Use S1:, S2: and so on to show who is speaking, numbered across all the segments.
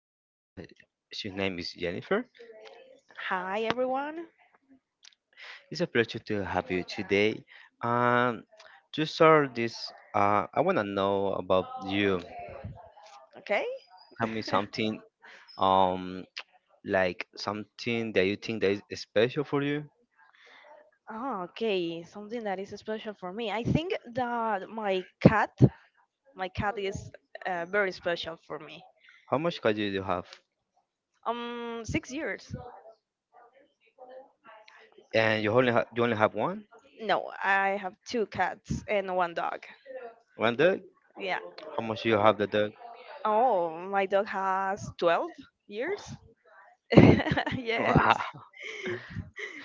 S1: guest. Her name is Jennifer.
S2: Hi, everyone.
S1: It's a pleasure to have you today. Um, to start this, I want to know about you.
S2: Okay.
S1: Tell me something, um, like something that you think that is special for you.
S2: Oh, okay. Something that is special for me. I think that my cat is very special for me.
S1: How much cat do you have?
S2: 6 years.
S1: And you only you only have one,
S2: No, I have two cats and one dog.
S1: one dog.
S2: Yeah.
S1: How much you have the dog?
S2: Oh, my dog has 12 years. Yes.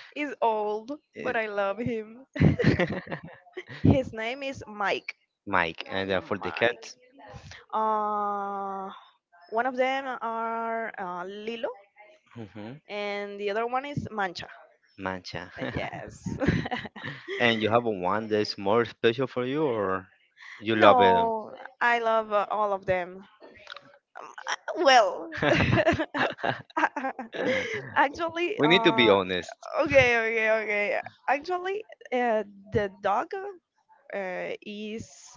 S2: He's old, but I love him. His name is Mike.
S1: Mike, and for the
S2: Mike.
S1: cat.
S2: Uh, One of them are Lilo, and the other one is Mancha.
S1: Mancha.
S2: Yes.
S1: And you have one that's more special for you, or you love it?
S2: No, I love all of them. Um, I- Well, actually,
S1: We need to be honest.
S2: okay, okay, okay. Actually, uh, the dog uh, is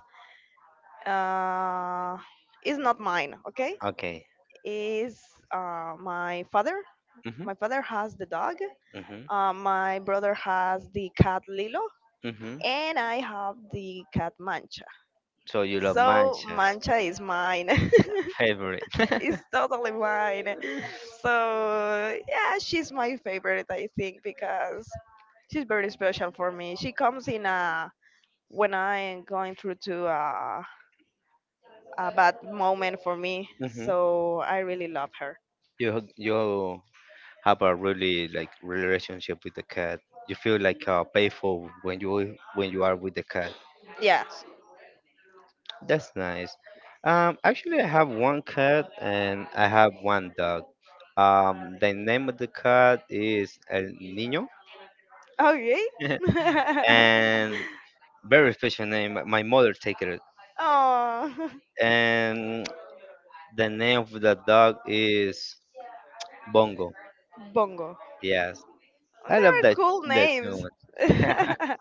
S2: uh, is not mine. Okay,
S1: Okay.
S2: is my father.
S1: Mm-hmm.
S2: My father has the dog.
S1: Mm-hmm.
S2: My brother has the cat Lilo,
S1: Mm-hmm.
S2: and I have the cat Mancha.
S1: So you love
S2: So
S1: manchas.
S2: Mancha is mine.
S1: Favorite.
S2: It's totally mine. So yeah, she's my favorite, I think, because she's very special for me. She comes in a when I am going through to a bad moment for me.
S1: Hmm.
S2: So I really love her.
S1: You have a really like relationship with the cat. You feel like playful when you are with the cat.
S2: Yes.
S1: That's nice. Actually, I have one cat and I have one dog. The name of the cat is El Niño,
S2: Okay.
S1: and very special name. My mother take it,
S2: Oh,
S1: and the name of the dog is Bongo.
S2: bongo.
S1: Yes,
S2: And
S1: I
S2: there
S1: love
S2: are
S1: that
S2: cool
S1: that too
S2: names.
S1: much. Yeah,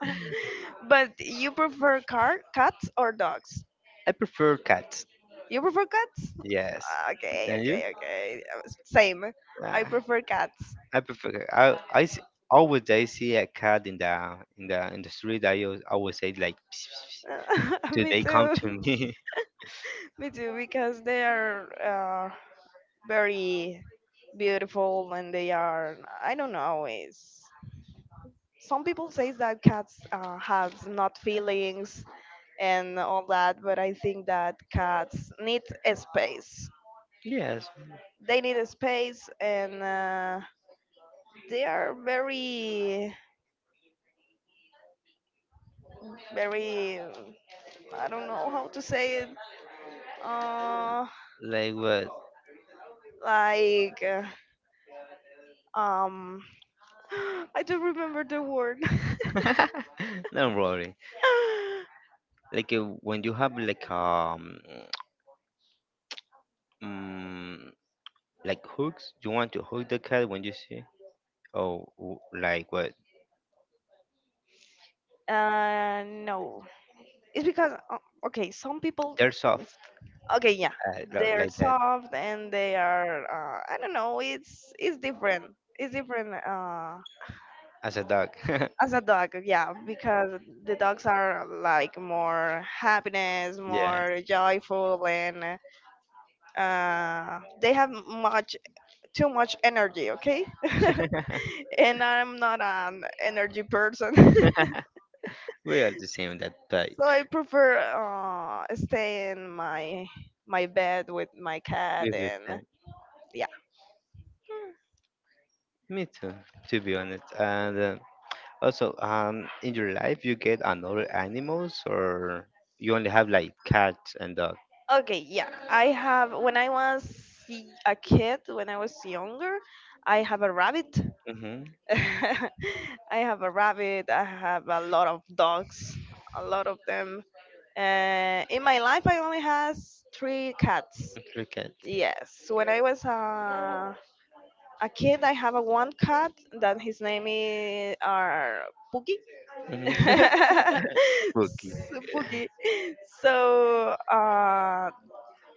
S2: But you prefer cats or dogs?
S1: I prefer cats.
S2: You prefer cats?
S1: Yes,
S2: Ah, okay,
S1: and you?
S2: okay, okay. Same. I
S1: Ah,
S2: prefer cats.
S1: I prefer. Always I see a cat in the street. I always, always say like, "Pss, pss, pss." Do
S2: Me
S1: they come
S2: too.
S1: to me?
S2: Me too, because they are very beautiful and they are, I don't know, is some people say that cats have not feelings and all that, but I think that cats
S1: Yes,
S2: need a space and they are very I don't know how to say it uh,
S1: like what?
S2: like, um I don't remember the word
S1: Don't worry. Like when you have like mm, like hooks, you want to hook the cat when you see. Oh, like what?
S2: no, it's because okay, some people.
S1: They're soft,
S2: Okay, yeah, they're
S1: like that.
S2: soft and they are I don't know, It's different.
S1: As a dog.
S2: As a dog, yeah, because the dogs are like more happiness,
S1: Yes,
S2: more joyful, and they have much too much energy, okay. And I'm not an energy person. So
S1: we are the same that type.
S2: I prefer stay in my bed with my
S1: We
S2: cat.
S1: will- uh,
S2: And yeah,
S1: Me too, to be honest. And Also, in your life, you get another animals, or you only have like cats and dog?
S2: okay, yeah, I have when I was a kid, when I was younger I have a rabbit.
S1: Mm-hmm.
S2: I have a rabbit. I have a lot of dogs, a lot of them. In my life, I only has three cats.
S1: Three cats.
S2: Yes, when I was a kid, I have a one cat that his name is Pookie.
S1: Mm-hmm. Spooky.
S2: So, Pookie. So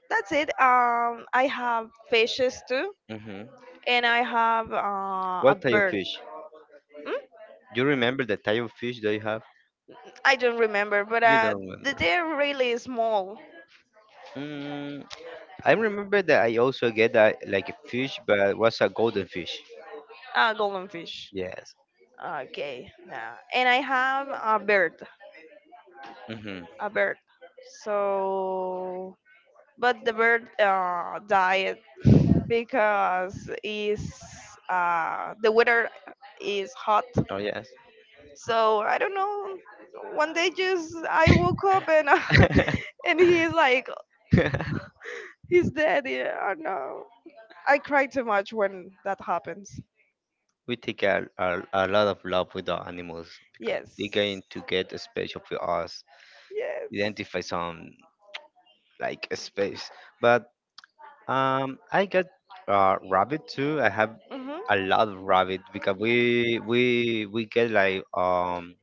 S2: that's it. I have fishes too,
S1: Mm-hmm.
S2: and I have a
S1: What type of
S2: bird.
S1: fish?
S2: Hmm?
S1: Do you remember the type of fish that you have?
S2: I don't remember, but
S1: You don't remember.
S2: they're really small
S1: Mm, I remember that I also get that like a fish, but it was a golden fish.
S2: golden fish.
S1: Yes.
S2: Okay, yeah. And I have a bird,
S1: Mm-hmm.
S2: a bird. So, but the bird died because is the weather is hot.
S1: Oh yes.
S2: So I don't know. One day, just I woke up and and he's like he's dead. Yeah, oh no. I cry too much when that happens.
S1: We take a lot of love with our animals because they're
S2: Yes.
S1: going to get a special for us,
S2: Yes.
S1: identify some like a space. But I got rabbit too. I have
S2: Hmm.
S1: a lot of rabbit because we get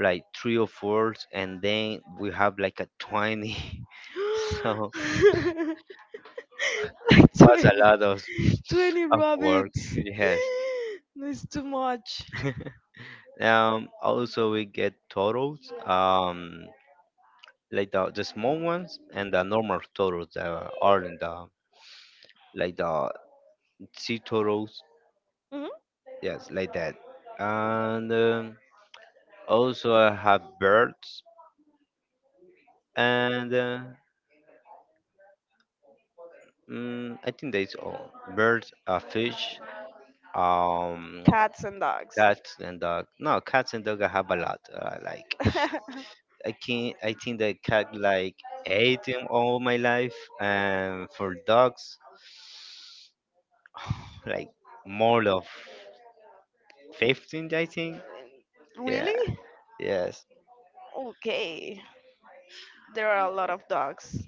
S1: like three or four, and then we have like a 20. So
S2: Like
S1: was a
S2: 20,
S1: lot of
S2: 20
S1: of work.
S2: rabbits.
S1: Yes.
S2: That's too much.
S1: Um. Also, we get turtles. Like the small ones and the normal turtles that are in the like the sea turtles,
S2: Hmm.
S1: yes, like that. And Also I have birds and I think that's all birds, fish, um
S2: Cats and dogs.
S1: cats and dog. No, cats and dog I have a lot, like I can I think the cat like ate them all my life. And for dogs like more of 15 I think. Yeah,
S2: Really?
S1: yes.
S2: Okay. There are a lot of dogs.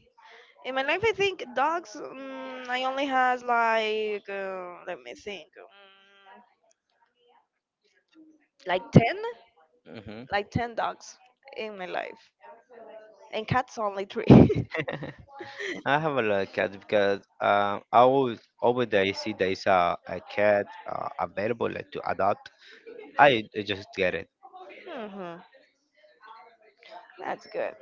S2: In my life, I think dogs, I only had like, let me think, like 10?
S1: Mm-hmm.
S2: Like 10 dogs in my life. And cats, only 3.
S1: I have a lot of cats because I always over there I see there is a cat available like to adopt. I just get it.
S2: Hmm. That's good.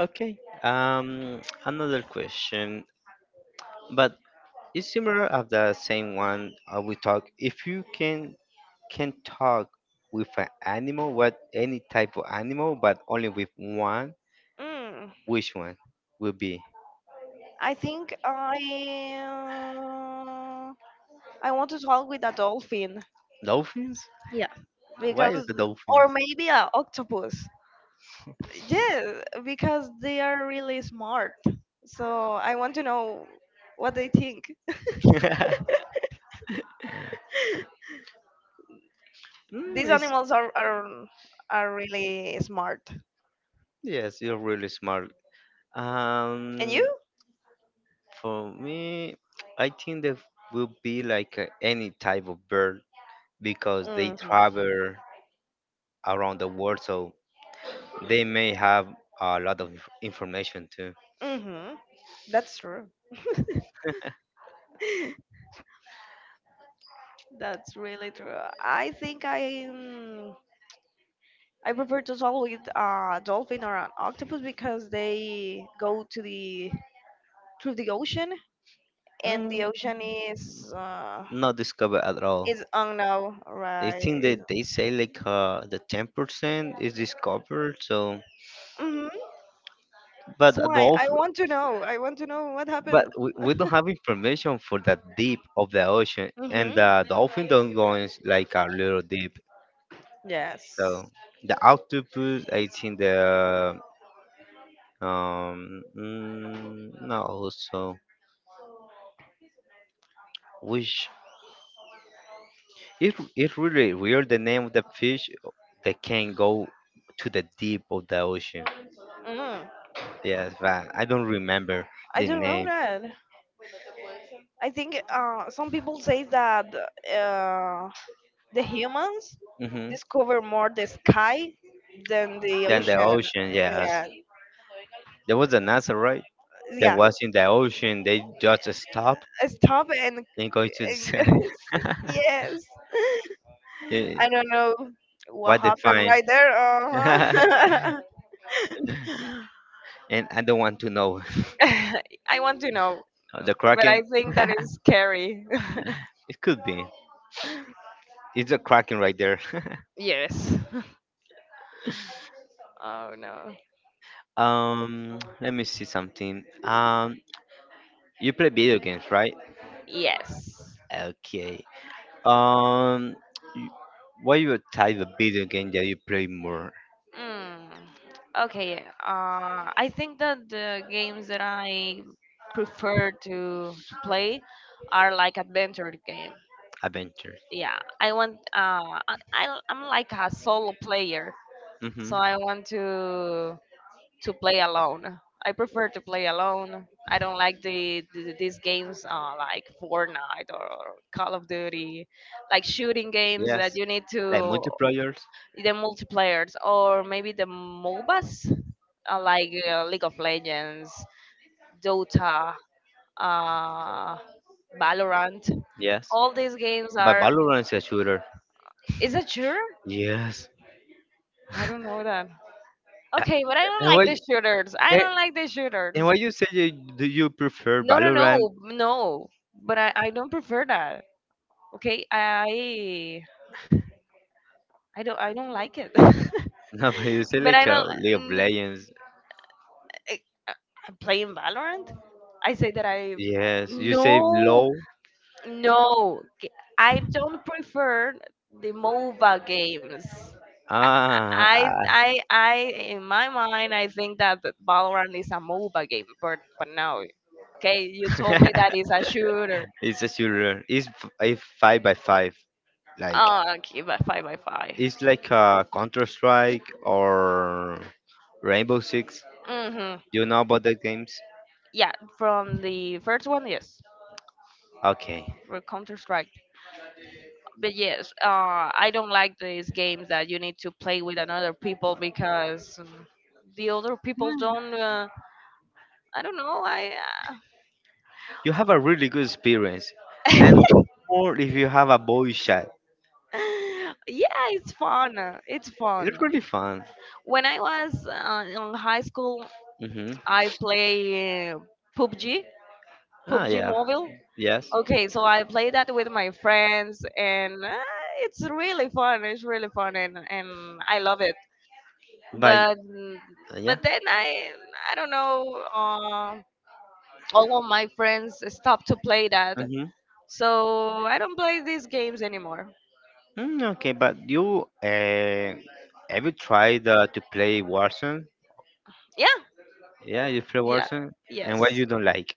S1: Okay. Another question, but it's similar of the same one we talk. If you can talk with an animal, what any type of animal, but only with one,
S2: Mm,
S1: which one will be
S2: I think uh, I want to talk with a dolphin.
S1: dolphins?
S2: Yeah.
S1: Why is
S2: Because,
S1: the
S2: or
S1: dolphins?
S2: maybe a octopus. Yes, because they are really smart. So I want to know what they think.
S1: Mm,
S2: These
S1: it's
S2: animals are really smart.
S1: Yes, you're really smart.
S2: And you?
S1: Um, for me, I think there will be like any type of bird because they
S2: Mm-hmm.
S1: travel around the world, so they may have a lot of information too.
S2: Mm-hmm. That's true. That's really true. I think I. mm, I prefer to swallow with a dolphin or an octopus because they go to the through the ocean, and
S1: Mm,
S2: the ocean is uh,
S1: not discovered at all.
S2: is unknown,
S1: I think
S2: right?
S1: that they say like the 10% is discovered. So,
S2: Mm-hmm.
S1: but a
S2: So I
S1: dolphin,
S2: want to know. I want to know what
S1: but
S2: happened.
S1: we don't have information for that deep of the ocean, and
S2: Mm-hmm.
S1: the dolphin don't go in like a little deep.
S2: Yes.
S1: So the octopus, I think the no, also, which, it really weird the name of the fish that can go to the deep of the ocean.
S2: Mm.
S1: Yes, but I don't remember
S2: I
S1: the
S2: don't know
S1: name.
S2: that. I think some people say that uh, the humans
S1: Hmm.
S2: discover more the sky than the
S1: Then the
S2: ocean.
S1: ocean, yes.
S2: Yeah,
S1: There was a NASA, right? That
S2: yeah.
S1: was in the ocean. They just stopped,
S2: Stop and,
S1: then going to the side.
S2: and yes.
S1: Yeah.
S2: I don't know what
S1: What they
S2: happened
S1: find.
S2: right there. Uh-huh.
S1: And I don't want to know.
S2: I want to know,
S1: The
S2: but
S1: Kraken?
S2: I think that is scary.
S1: It could be. It's a Kraken right there.
S2: Yes. Oh no.
S1: Let me see something. You play video games, right?
S2: Yes.
S1: Okay. Um, y- what your type of video game that you play more?
S2: Mm. Okay. I think that the games that I prefer to play are like adventure game.
S1: Adventures.
S2: Yeah, I want. I'm like a solo player.
S1: Mm-hmm.
S2: So I want to play alone. I prefer to play alone. I don't like these games, like Fortnite or Call of Duty, like shooting games
S1: Yes.
S2: that you need
S1: Like
S2: to
S1: multiplayers.
S2: the multiplayers or maybe the MOBAs, like, League of Legends, Dota, uh, Valorant.
S1: Yes.
S2: All these games
S1: But
S2: are.
S1: Valorant is a shooter.
S2: Is it shooter?
S1: Yes.
S2: I don't know that.
S1: Uh,
S2: Okay, but I don't
S1: and
S2: like
S1: why?
S2: the shooters. I
S1: And,
S2: don't like the shooters.
S1: and why you say you, do you prefer
S2: No, no,
S1: Valorant?
S2: no, no. But I don't prefer that. Okay, I don't like it.
S1: No, but you say
S2: But I
S1: like a
S2: don't.
S1: League of
S2: n-
S1: Legends.
S2: I- I'm playing Valorant. I say that I.
S1: Yes, you say
S2: No,
S1: low.
S2: no. I don't prefer the MOBA games.
S1: Ah, ah.
S2: I In my mind I think that the Valorant is a MOBA game, but no. Okay, you told me that it's a shooter.
S1: It's a shooter. It's a five by five. Like
S2: Oh, okay, but five by five.
S1: it's like a Counter Strike or Rainbow Six.
S2: hmm
S1: You know about the games?
S2: Yeah, from the first one, yes,
S1: Okay.
S2: or Counter Strike. But yes, I don't like these games that you need to play with another people because the other people don't. I don't know. I.
S1: You have a really good experience, and
S2: Uh,
S1: more if you have a boy chat.
S2: yeah, it's fun. It's
S1: It's
S2: fun.
S1: really fun.
S2: When I was in high school,
S1: Mhm.
S2: I play PUBG,
S1: Ah,
S2: PUBG
S1: yeah,
S2: Mobile.
S1: yes,
S2: Okay, so I play that with my friends, and it's really fun. It's really fun, and I love it.
S1: but
S2: But
S1: yeah.
S2: but then I don't know. All of my friends stopped to play that,
S1: Mm-hmm.
S2: so I don't play these games anymore.
S1: Mm, okay, but you have you tried to play Warzone?
S2: Yeah,
S1: Yeah, you play
S2: yeah,
S1: Warzone, and what
S2: yes.
S1: you don't like?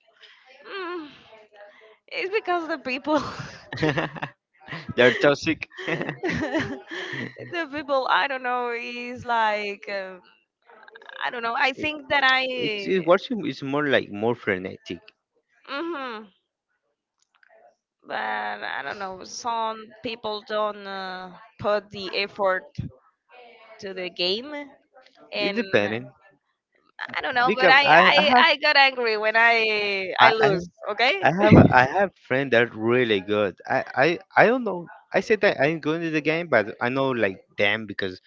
S2: Mm, it's because the people,
S1: They're toxic.
S2: the people. I don't know. Is like I don't know. I think that
S1: It
S2: I.
S1: Warzone is more like more frenetic.
S2: Mhm. But I don't know. Some people don't put the effort to the game,
S1: It
S2: and
S1: depending.
S2: I don't know. But
S1: Because
S2: I,
S1: I
S2: I,
S1: have
S2: I got angry when I
S1: I, I
S2: lose. Okay.
S1: I have a, I have friend that really good. I don't know. I said that I'm good in the game, but I know like them because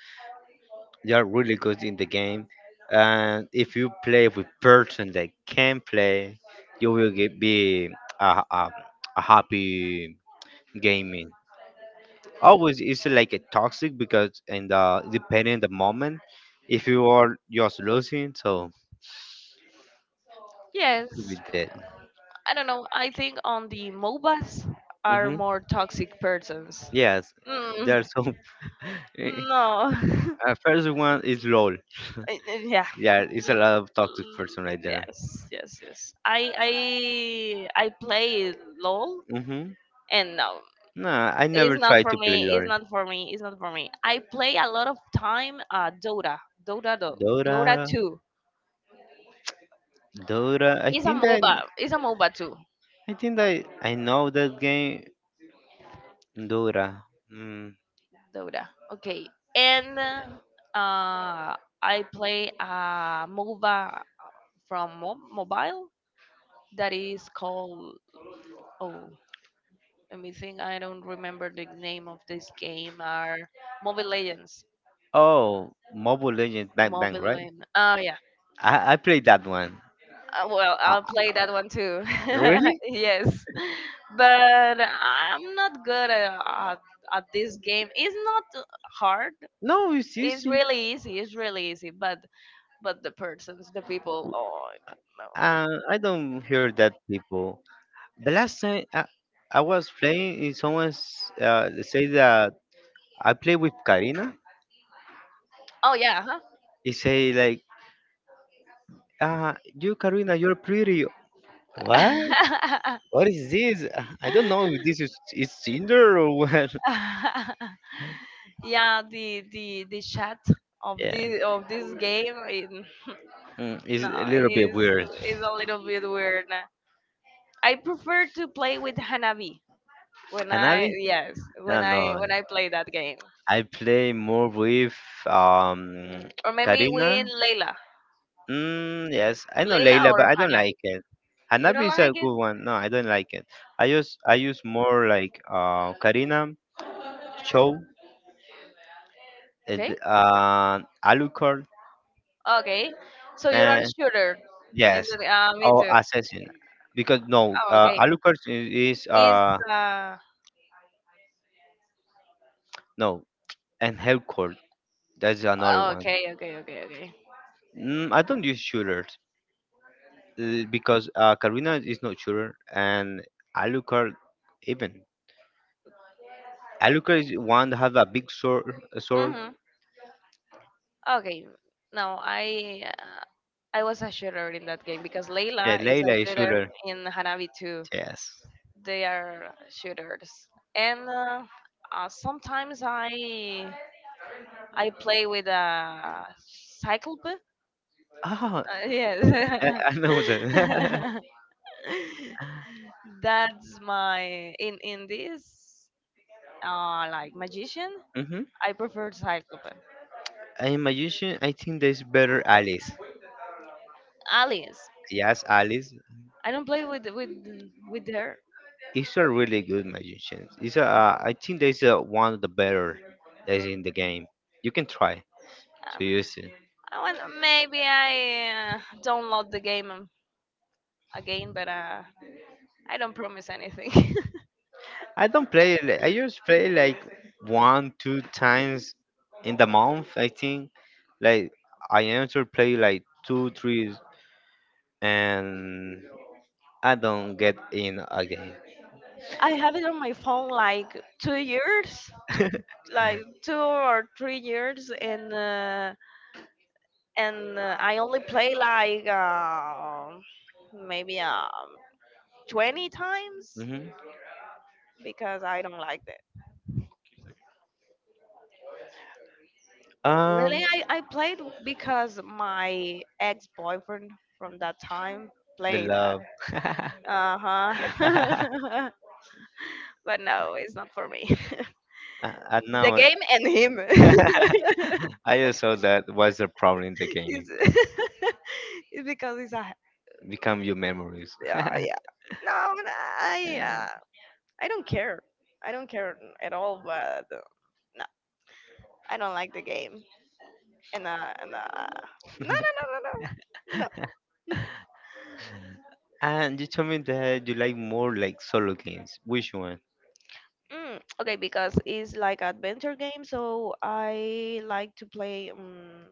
S1: they are really good in the game. And if you play with person that can play, you will get, be a, a, a happy gaming. Always it's like a toxic because and depending the moment, if you are just losing, so could be
S2: Yes.
S1: dead.
S2: I don't know. I think on the MOBAs are
S1: Hmm.
S2: more toxic persons.
S1: Yes,
S2: Mm,
S1: there are some.
S2: no.
S1: First one is LOL.
S2: Yeah.
S1: Yeah, it's
S2: L-
S1: a lot of toxic person
S2: l-
S1: right there.
S2: Yes, yes, yes. I play LOL
S1: Mm-hmm.
S2: and no,
S1: No, I
S2: it's
S1: never
S2: not
S1: tried
S2: for
S1: to
S2: me.
S1: play
S2: It's
S1: LOL.
S2: not for me. It's not for me. I play a lot of time Dota. Dota do, Dota
S1: Dora,
S2: 2.
S1: Dora.
S2: It's a MOBA. It's a MOBA too.
S1: I think that I know that game. Dora. Mm.
S2: Dota. Okay. And I play a MOBA from mobile that is called, oh, let me think, I don't remember the name of this game, are Mobile Legends.
S1: Oh, Mobile Legends Bang Bang,
S2: Mobile
S1: right?
S2: Legends. Oh,
S1: I played that one.
S2: Well, I'll play that one too.
S1: Really?
S2: Yes, but I'm not good at this game. It's not hard.
S1: No, it's
S2: It's
S1: easy.
S2: really easy. It's really easy. But the persons, the people. Oh no.
S1: I don't hear that people. The last time I was playing, is someone say that I play with Karina.
S2: Oh yeah. Huh?
S1: He say like, uh, you, Karina, you're pretty. What? What is this? I don't know if this is Tinder or what.
S2: Yeah. The chat of
S1: Yeah,
S2: this of this game. It,
S1: mm, it's
S2: no,
S1: a little bit
S2: is
S1: weird.
S2: is a little bit weird. I prefer to play with Hanabi. When I
S1: Hanabi?
S2: Yes, when
S1: No, no.
S2: I when I play that game.
S1: I play more with um
S2: Or maybe win
S1: Karina.
S2: Layla.
S1: Mm, yes, I know
S2: Layla
S1: Leila, but
S2: or
S1: I don't
S2: Hanabi.
S1: like it.
S2: You
S1: Hanabi
S2: don't
S1: is a
S2: like it?
S1: good one. No, I don't like it. I use more like Karina, Cho,
S2: Okay.
S1: and Alucard.
S2: Okay. So you're a shooter. And
S1: Yes.
S2: me
S1: Or
S2: too.
S1: assassin. Because no,
S2: Oh, okay.
S1: Alucard is
S2: Is uh
S1: no, and Hellcord. That's another one.
S2: okay, okay, okay, okay.
S1: Mm, I don't use shooters because Karina is not shooter and Alucard even. Alucard is one that have a big sword. A sword.
S2: Mhm. Okay. No, I was a shooter in that game because
S1: Yeah,
S2: Layla is a
S1: Layla is
S2: shooter
S1: shooter.
S2: in Hanabi too.
S1: Yes.
S2: They are shooters. And sometimes I play with a cyclope.
S1: Ah,
S2: Yes,
S1: I know that.
S2: that's my in this like magician.
S1: Hmm.
S2: I prefer cyclope.
S1: I'm a magician. I think there's better Alice.
S2: Alice.
S1: Yes, Alice.
S2: I don't play with her.
S1: It's a really good magician. It's a, I think there's a, one of the better that is in the game. You can try to
S2: Um,
S1: use it.
S2: I want, maybe I download the game again, but I don't promise anything.
S1: I don't play it. I just play like one, two times in the month. I think like I enter play like two, three, and I don't get in again.
S2: I have it on my phone like 2 years, like 2 or 3 years, and. And I only play like maybe 20 times
S1: Hmm.
S2: because I don't like that.
S1: Um,
S2: Really, I played because my ex boyfriend from that time
S1: the
S2: played that.
S1: love.
S2: Uh
S1: I
S2: huh. But no, it's not for me.
S1: I
S2: The
S1: know.
S2: game and him.
S1: I just saw that was the problem in the game.
S2: It's. It's because it's a.
S1: Become your memories.
S2: Yeah, yeah. No, no, I,
S1: Yeah.
S2: uh, I don't care. I don't care at all, but. uh, I don't like the game. And no, no, no, no, no, no.
S1: And you told me that you like more like solo games. Which one?
S2: Okay, because it's like adventure game, so I like to play.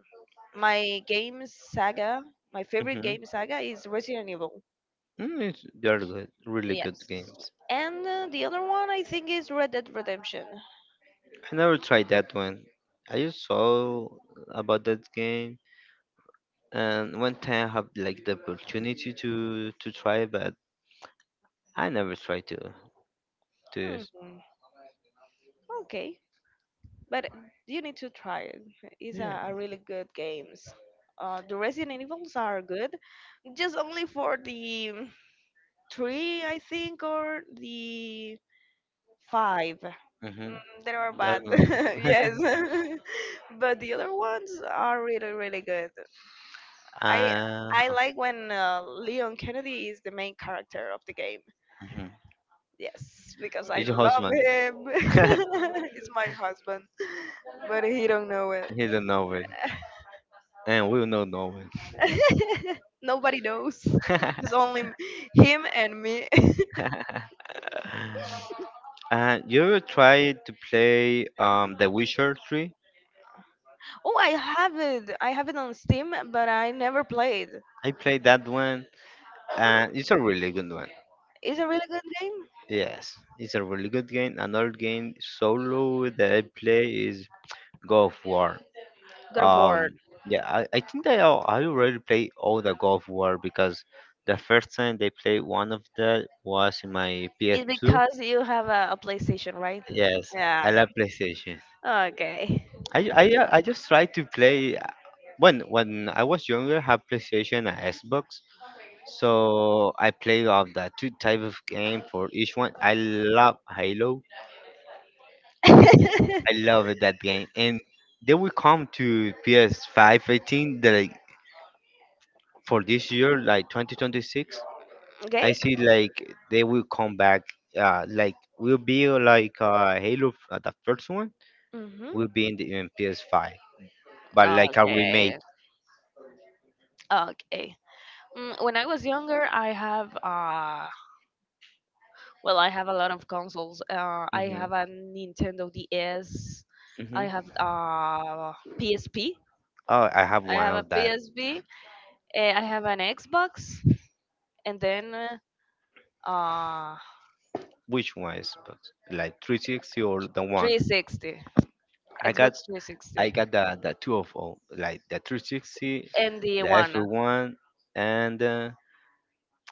S2: my game saga, my favorite
S1: Mm-hmm.
S2: game saga is Resident Evil.
S1: Mm, it's- they are good, really good
S2: Yes,
S1: games.
S2: and the other one I think is Red Dead Redemption.
S1: I never tried that one. I just saw about that game, and one time I have like the opportunity to try, but I never tried to to.
S2: Hmm. Okay, but you need to try it. It's
S1: Yeah.
S2: a really good games. The Resident Evils are good, just only for the three, I think, or the five.
S1: Mm-hmm.
S2: They are
S1: Not
S2: bad,
S1: know.
S2: yes, but the other ones are really, really good. I
S1: Uh,
S2: I like when Leon Kennedy is the main character of the game.
S1: mhm.
S2: Yes, because I
S1: It's your
S2: love
S1: husband.
S2: him. He's my husband, but he don't know it.
S1: He don't know it, and we don't know
S2: Nobody knows.
S1: it.
S2: It's only him and me.
S1: You ever tried to play The Witcher 3?
S2: Oh, I have it. I have it on Steam, but I never played.
S1: I played that one, and it's a really good one.
S2: It's a really good game.
S1: Yes, it's a really good game. Another game solo that I play is God of War.
S2: God of War.
S1: Um, yeah, I think that I already played all the God of War because the first time they played one of that was in my
S2: It's
S1: PS2.
S2: because you have a PlayStation, right?
S1: Yes, I
S2: Yeah.
S1: love PlayStation.
S2: Okay.
S1: I just try to play when I was younger I had PlayStation and Xbox. So I played of the two type of game for each one. I love Halo.
S2: okay.
S1: I love that game. And they will come to PS5 18 the, like for this year like 2026. I see like they will come back like will be like Halo the first one
S2: Mhm.
S1: will be in the in PS5 but like a remake.
S2: Okay. Okay. When I was younger, I have well, I have a lot of consoles. I
S1: Hmm.
S2: have a Nintendo DS.
S1: Hmm.
S2: I have PSP.
S1: Oh, I have
S2: I
S1: one
S2: have a
S1: of that.
S2: PSP. I have an Xbox, and then uh
S1: Which one is but like 360 or the one?
S2: 360.
S1: I got
S2: Xbox
S1: I
S2: 360.
S1: got the two of all like the 360,
S2: And the
S1: the
S2: iguana.
S1: Xbox One, and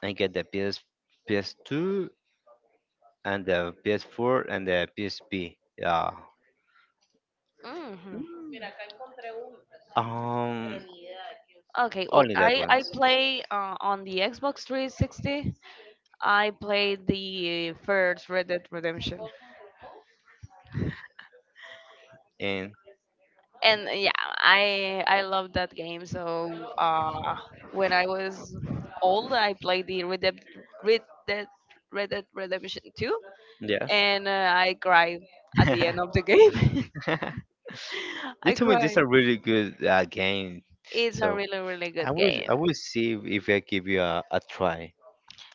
S1: I get the PS PS2 and the PS4 and the PSP. Yeah.
S2: Hmm
S1: Um,
S2: Okay, well,
S1: only that
S2: I
S1: ones.
S2: play on the Xbox 360. I played the first Red Dead Redemption,
S1: And
S2: and yeah, I love that game. So uh, when I was old, I played the Red Dead Red Dead Redemption 2,
S1: yes.
S2: and I cried at the end of the game.
S1: They
S2: I
S1: told me these
S2: cried.
S1: are really good games.
S2: It's a
S1: So
S2: really really
S1: I
S2: good
S1: will
S2: game.
S1: I will see if I give you a try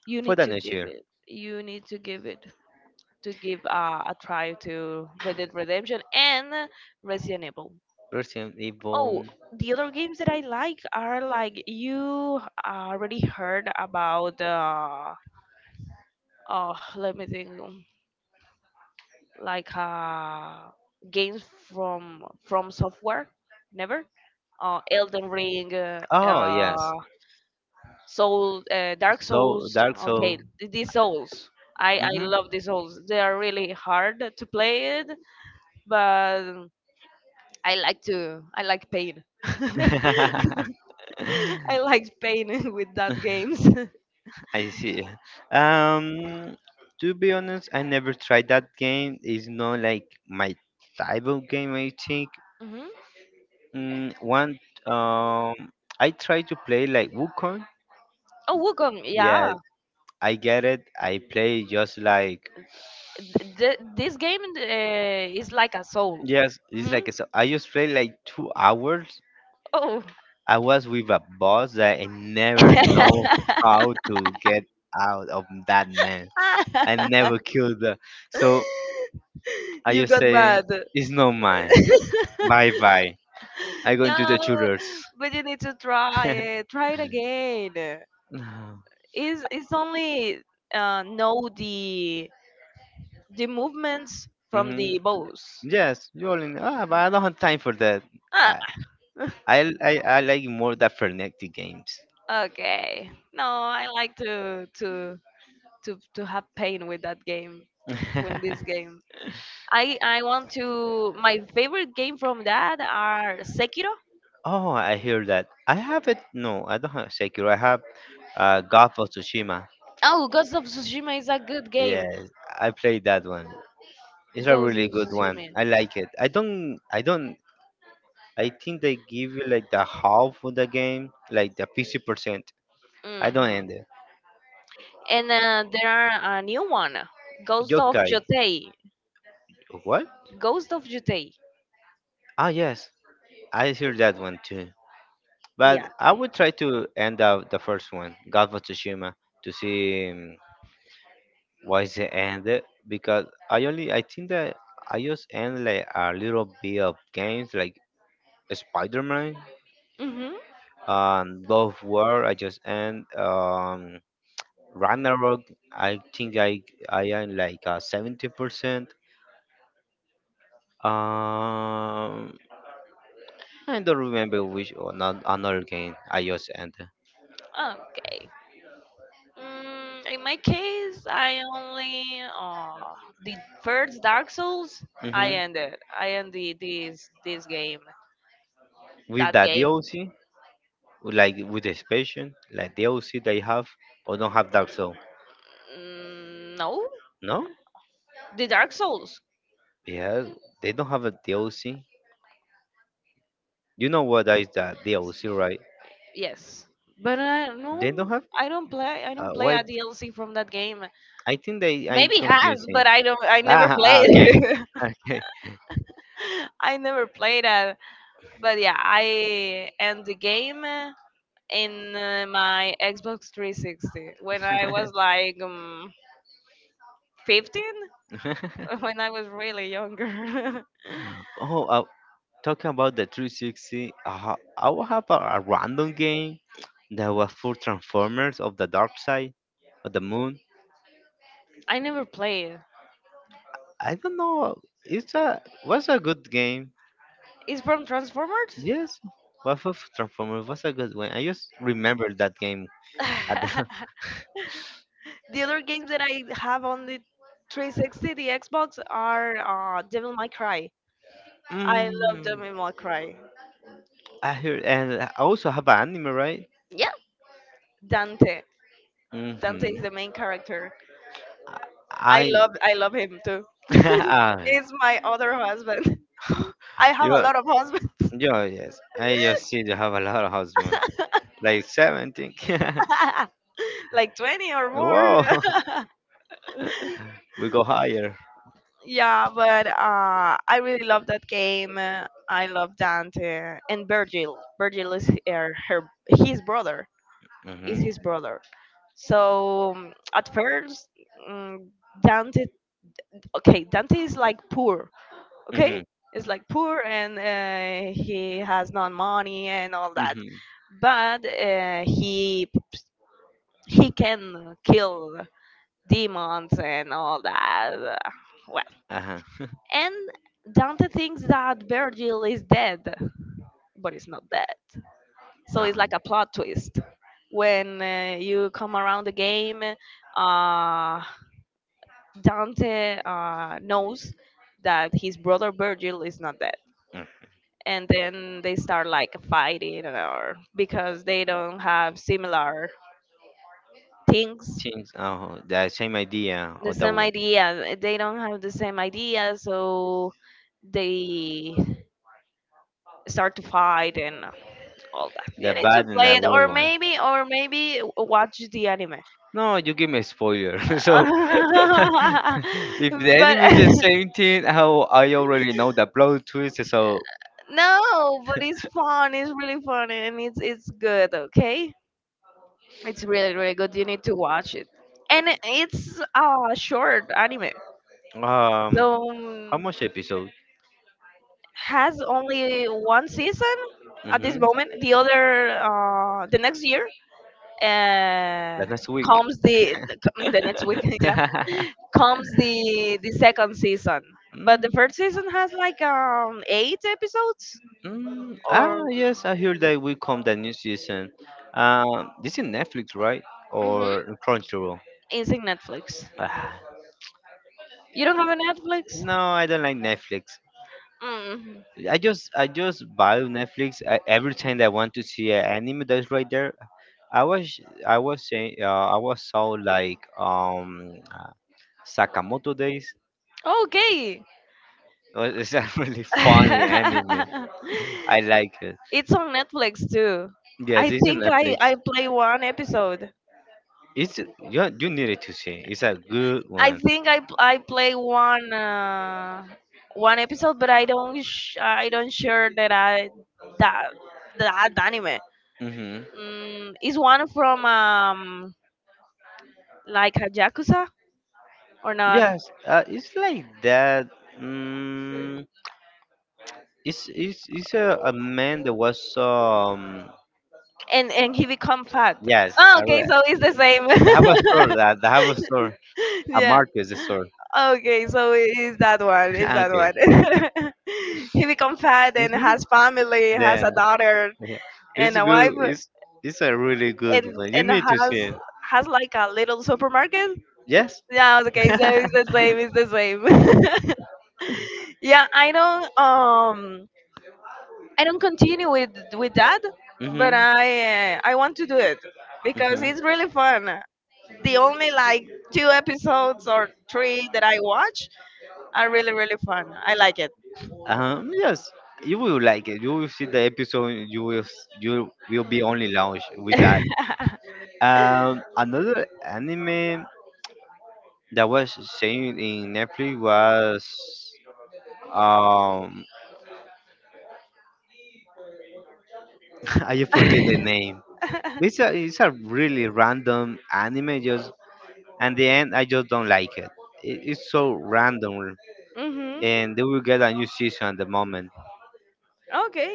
S2: You
S1: for
S2: need
S1: the
S2: to
S1: next
S2: give
S1: year.
S2: it. You need to give it. To give a try to Red Dead Redemption and Resident Evil.
S1: Resident Evil.
S2: Oh, the other games that I like are like you already heard about. Oh, let me think. Like games from software. Never. Elden Ring.
S1: Oh yes.
S2: Soul. Dark
S1: So
S2: Souls.
S1: Dark
S2: Okay,
S1: Soul.
S2: these Souls. I
S1: Hmm
S2: love these Souls. They are really hard to play it, but I like to. I like pain. I like pain with that games.
S1: I see. Um, to be honest, I never tried that game. It's not like my type of game. I think.
S2: hmm
S1: Mm, one. Um, I try to play like Wukong.
S2: Oh, Wukong.
S1: Yeah,
S2: Yeah,
S1: I get it. I play just like.
S2: This game is like a soul.
S1: Yes, it's
S2: Hmm
S1: like so. I just played like 2 hours.
S2: Oh.
S1: I was with a boss that I never know how to get out of that man. I never killed her. So I
S2: you
S1: just
S2: got
S1: say
S2: mad.
S1: it's not mine. Bye bye. I go into
S2: no,
S1: the tutors.
S2: but you need to try it. Try it again. It's only know the movements from
S1: hmm
S2: the bows.
S1: Yes, you all in. Ah, but I don't have time for that. I
S2: Ah.
S1: I like more the frenetic games.
S2: Okay. No, I like to have pain with that game, with this game. I want to. My favorite game from that are Sekiro.
S1: Oh, I hear that. I have it. No, I don't have Sekiro. I have God of Tsushima.
S2: Oh, Ghost of Tsushima is a good game.
S1: Yes, I played that one. It's a
S2: Ghost
S1: really
S2: of
S1: good one.
S2: Tsushima.
S1: I like it. I don't. I don't. I think they give you like the half of the game, like the 50%. I don't
S2: Hmm
S1: end it.
S2: And there are a new one, Ghost of
S1: Yokai.
S2: Jotei.
S1: What?
S2: Ghost of Jotei.
S1: Ah, yes. I hear that one too.
S2: Yeah.
S1: But I would try to end out the first one, God of Tsushima, to see. Why is it ended? Because I only I think that I just end like a little bit of games like Spider Man
S2: Mm-hmm.
S1: and Love War. I just end Ragnarok. I think I am like a 70%. Um, I don't remember which or not another game I just ended.
S2: Okay. In my case, I only uh, the first Dark Souls. I
S1: Hmm
S2: ended. I ended this game.
S1: With
S2: That
S1: that
S2: game.
S1: DLC, like with the expansion, like DLC they have or don't have Dark Souls.
S2: Mm, no,
S1: No,
S2: the Dark Souls.
S1: yes, they don't have a DLC. You know what is that DLC, right?
S2: Yes, but I
S1: They don't
S2: no.
S1: have.
S2: I don't play. I don't play
S1: Why?
S2: a DLC from that game.
S1: I think they I
S2: Maybe has,
S1: confusing.
S2: but I don't. I never
S1: Ah, ah, okay.
S2: played. I never played that. But yeah, I end the game in my Xbox 360 when I was like. 15 when I was really younger.
S1: oh, talking about the 360, I will have a random game that was for Transformers of the Dark Side of the Moon.
S2: I never played.
S1: I don't know. It's a was a good game.
S2: It's from Transformers.
S1: Yes, was for Transformers was a good one. I just remember that game at the
S2: the other games that I have on the 360, the Xbox, are Devil May Cry. I love
S1: Mm,
S2: Devil May Cry.
S1: I heard, and I also have an anime, right?
S2: Yeah, Dante. Dante
S1: Mm-hmm.
S2: is the main character.
S1: I,
S2: I love him too.
S1: ah,
S2: He's my other husband. I have
S1: you
S2: a
S1: are,
S2: lot of husbands,
S1: yeah, yes. I just see you have a lot of husband, like 17.
S2: like 20 or more.
S1: Whoa, we go higher.
S2: Yeah, but I really love that game. I love Dante and Virgil. Virgil is her his brother. Is
S1: Mm-hmm.
S2: his brother. So at first, um, Dante. Okay, Dante is like poor.
S1: Mm-hmm.
S2: Okay, is like poor and he has no money and all that.
S1: Mm-hmm.
S2: But he can kill demons and all that. Well,
S1: Uh-huh.
S2: and Dante thinks that Virgil is dead, but he's not dead. So it's
S1: Uh-huh.
S2: like a plot twist. When you come around the game, uh, Dante knows that his brother Virgil is not dead.
S1: Mm,
S2: And then they start like fighting or because they don't have similar things,
S1: things, oh, the same idea
S2: the
S1: of
S2: same idea. They don't have the same idea, so they start to fight and all that.
S1: the
S2: You need to
S1: bad and the
S2: play it,
S1: good one.
S2: or maybe watch the anime.
S1: No, you give me a spoiler. so if the
S2: but
S1: anime is the same 17, how I already know the plot twist. So,
S2: no, but it's fun. It's really fun, and it's good. Okay, it's really really good. You need to watch it, and it's a short anime, so
S1: um, how much episode?
S2: has only one season at this
S1: Mm-hmm.
S2: moment. The other, the next year,
S1: The
S2: uh,
S1: next week.
S2: comes the the next week. comes the second season. But the
S1: Mm,
S2: first season has like eight episodes
S1: mm. Ah,
S2: or
S1: yes, I heard that will come the new season. This is Netflix, right?
S2: hmm
S1: Or Crunchyroll?
S2: it's in Netflix.
S1: Ah,
S2: You don't have a Netflix?
S1: no, I don't like Netflix.
S2: Mm.
S1: I just buy Netflix every time that I want to see an anime that's right there. I was I was saying I was so like Sakamoto Days
S2: Okay.
S1: was is a really funny anime. I like it.
S2: it's on Netflix too.
S1: Yes,
S2: I
S1: it's on
S2: think I
S1: Netflix.
S2: I play one episode.
S1: It's you needed to see. It's a good
S2: I
S1: one.
S2: think I p- I play one one episode, but I don't I don't sure that I that that anime.
S1: Mhm.
S2: Mm, is one from like a yakuza or not?
S1: Yes, it's like that. Mm, it's a man that was
S2: And he become fat.
S1: yes.
S2: Oh,
S1: I
S2: okay,
S1: re-
S2: so it's the same.
S1: they have a store that they have a store. A
S2: yeah.
S1: market is a store.
S2: Okay, so it's that one. It's that
S1: okay.
S2: one. he become fat and
S1: hmm
S2: has family, has
S1: Yeah,
S2: a daughter
S1: yeah. It's
S2: and a
S1: good.
S2: wife,
S1: It's a really good one. You
S2: and
S1: need to see it.
S2: has like a little supermarket.
S1: Yes.
S2: Yeah. Okay, so it's the same. It's the same. yeah, I don't. I don't continue with that, but
S1: Mm-hmm.
S2: I want to do it because
S1: Mm-hmm.
S2: it's really fun. The only like two episodes or three that I watch are really really fun. I like it.
S1: Yes, you will like it. You will see the episode. You will be only launched with that. Another anime that was saying in Netflix was um I just forget the name. It's a really random anime. Just and the end, I just don't like it. It. It's so random,
S2: mhm.
S1: and they will get a new season at the moment.
S2: Okay.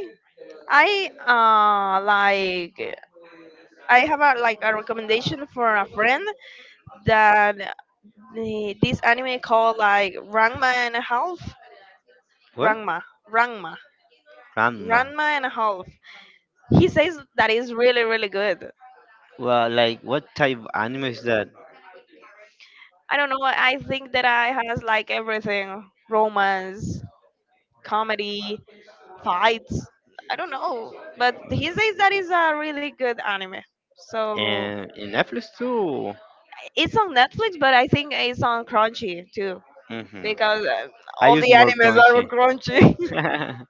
S2: I like I have a like a recommendation for a friend that this anime called like Ranma and a half.
S1: What?
S2: Ranma. Ranma.
S1: Random.
S2: Ranma and a half. He says that is really, really good.
S1: Well, like what type of anime is that?
S2: I don't know. I think that I has like everything: romance, comedy, fights. I don't know, but he says that is a really good anime. So
S1: And in Netflix too.
S2: it's on Netflix, but I think it's on Crunchy too
S1: Hmm
S2: because
S1: I
S2: all
S1: use
S2: the
S1: more
S2: animes are
S1: crunchy.
S2: on Crunchy.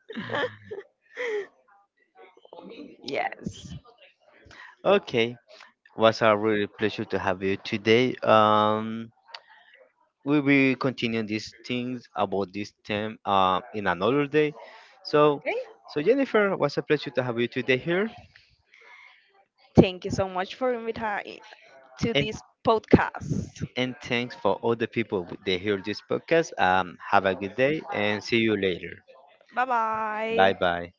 S2: yes.
S1: okay, was a really pleasure to have you today. We will continue these things about this theme in another day. So,
S2: Okay.
S1: so Jennifer, was a pleasure to have you today here,
S2: Thank you so much for inviting to
S1: and
S2: this podcast.
S1: and thanks for all the people that hear this podcast. Have a good day and see you later.
S2: Bye
S1: Bye
S2: bye.
S1: bye.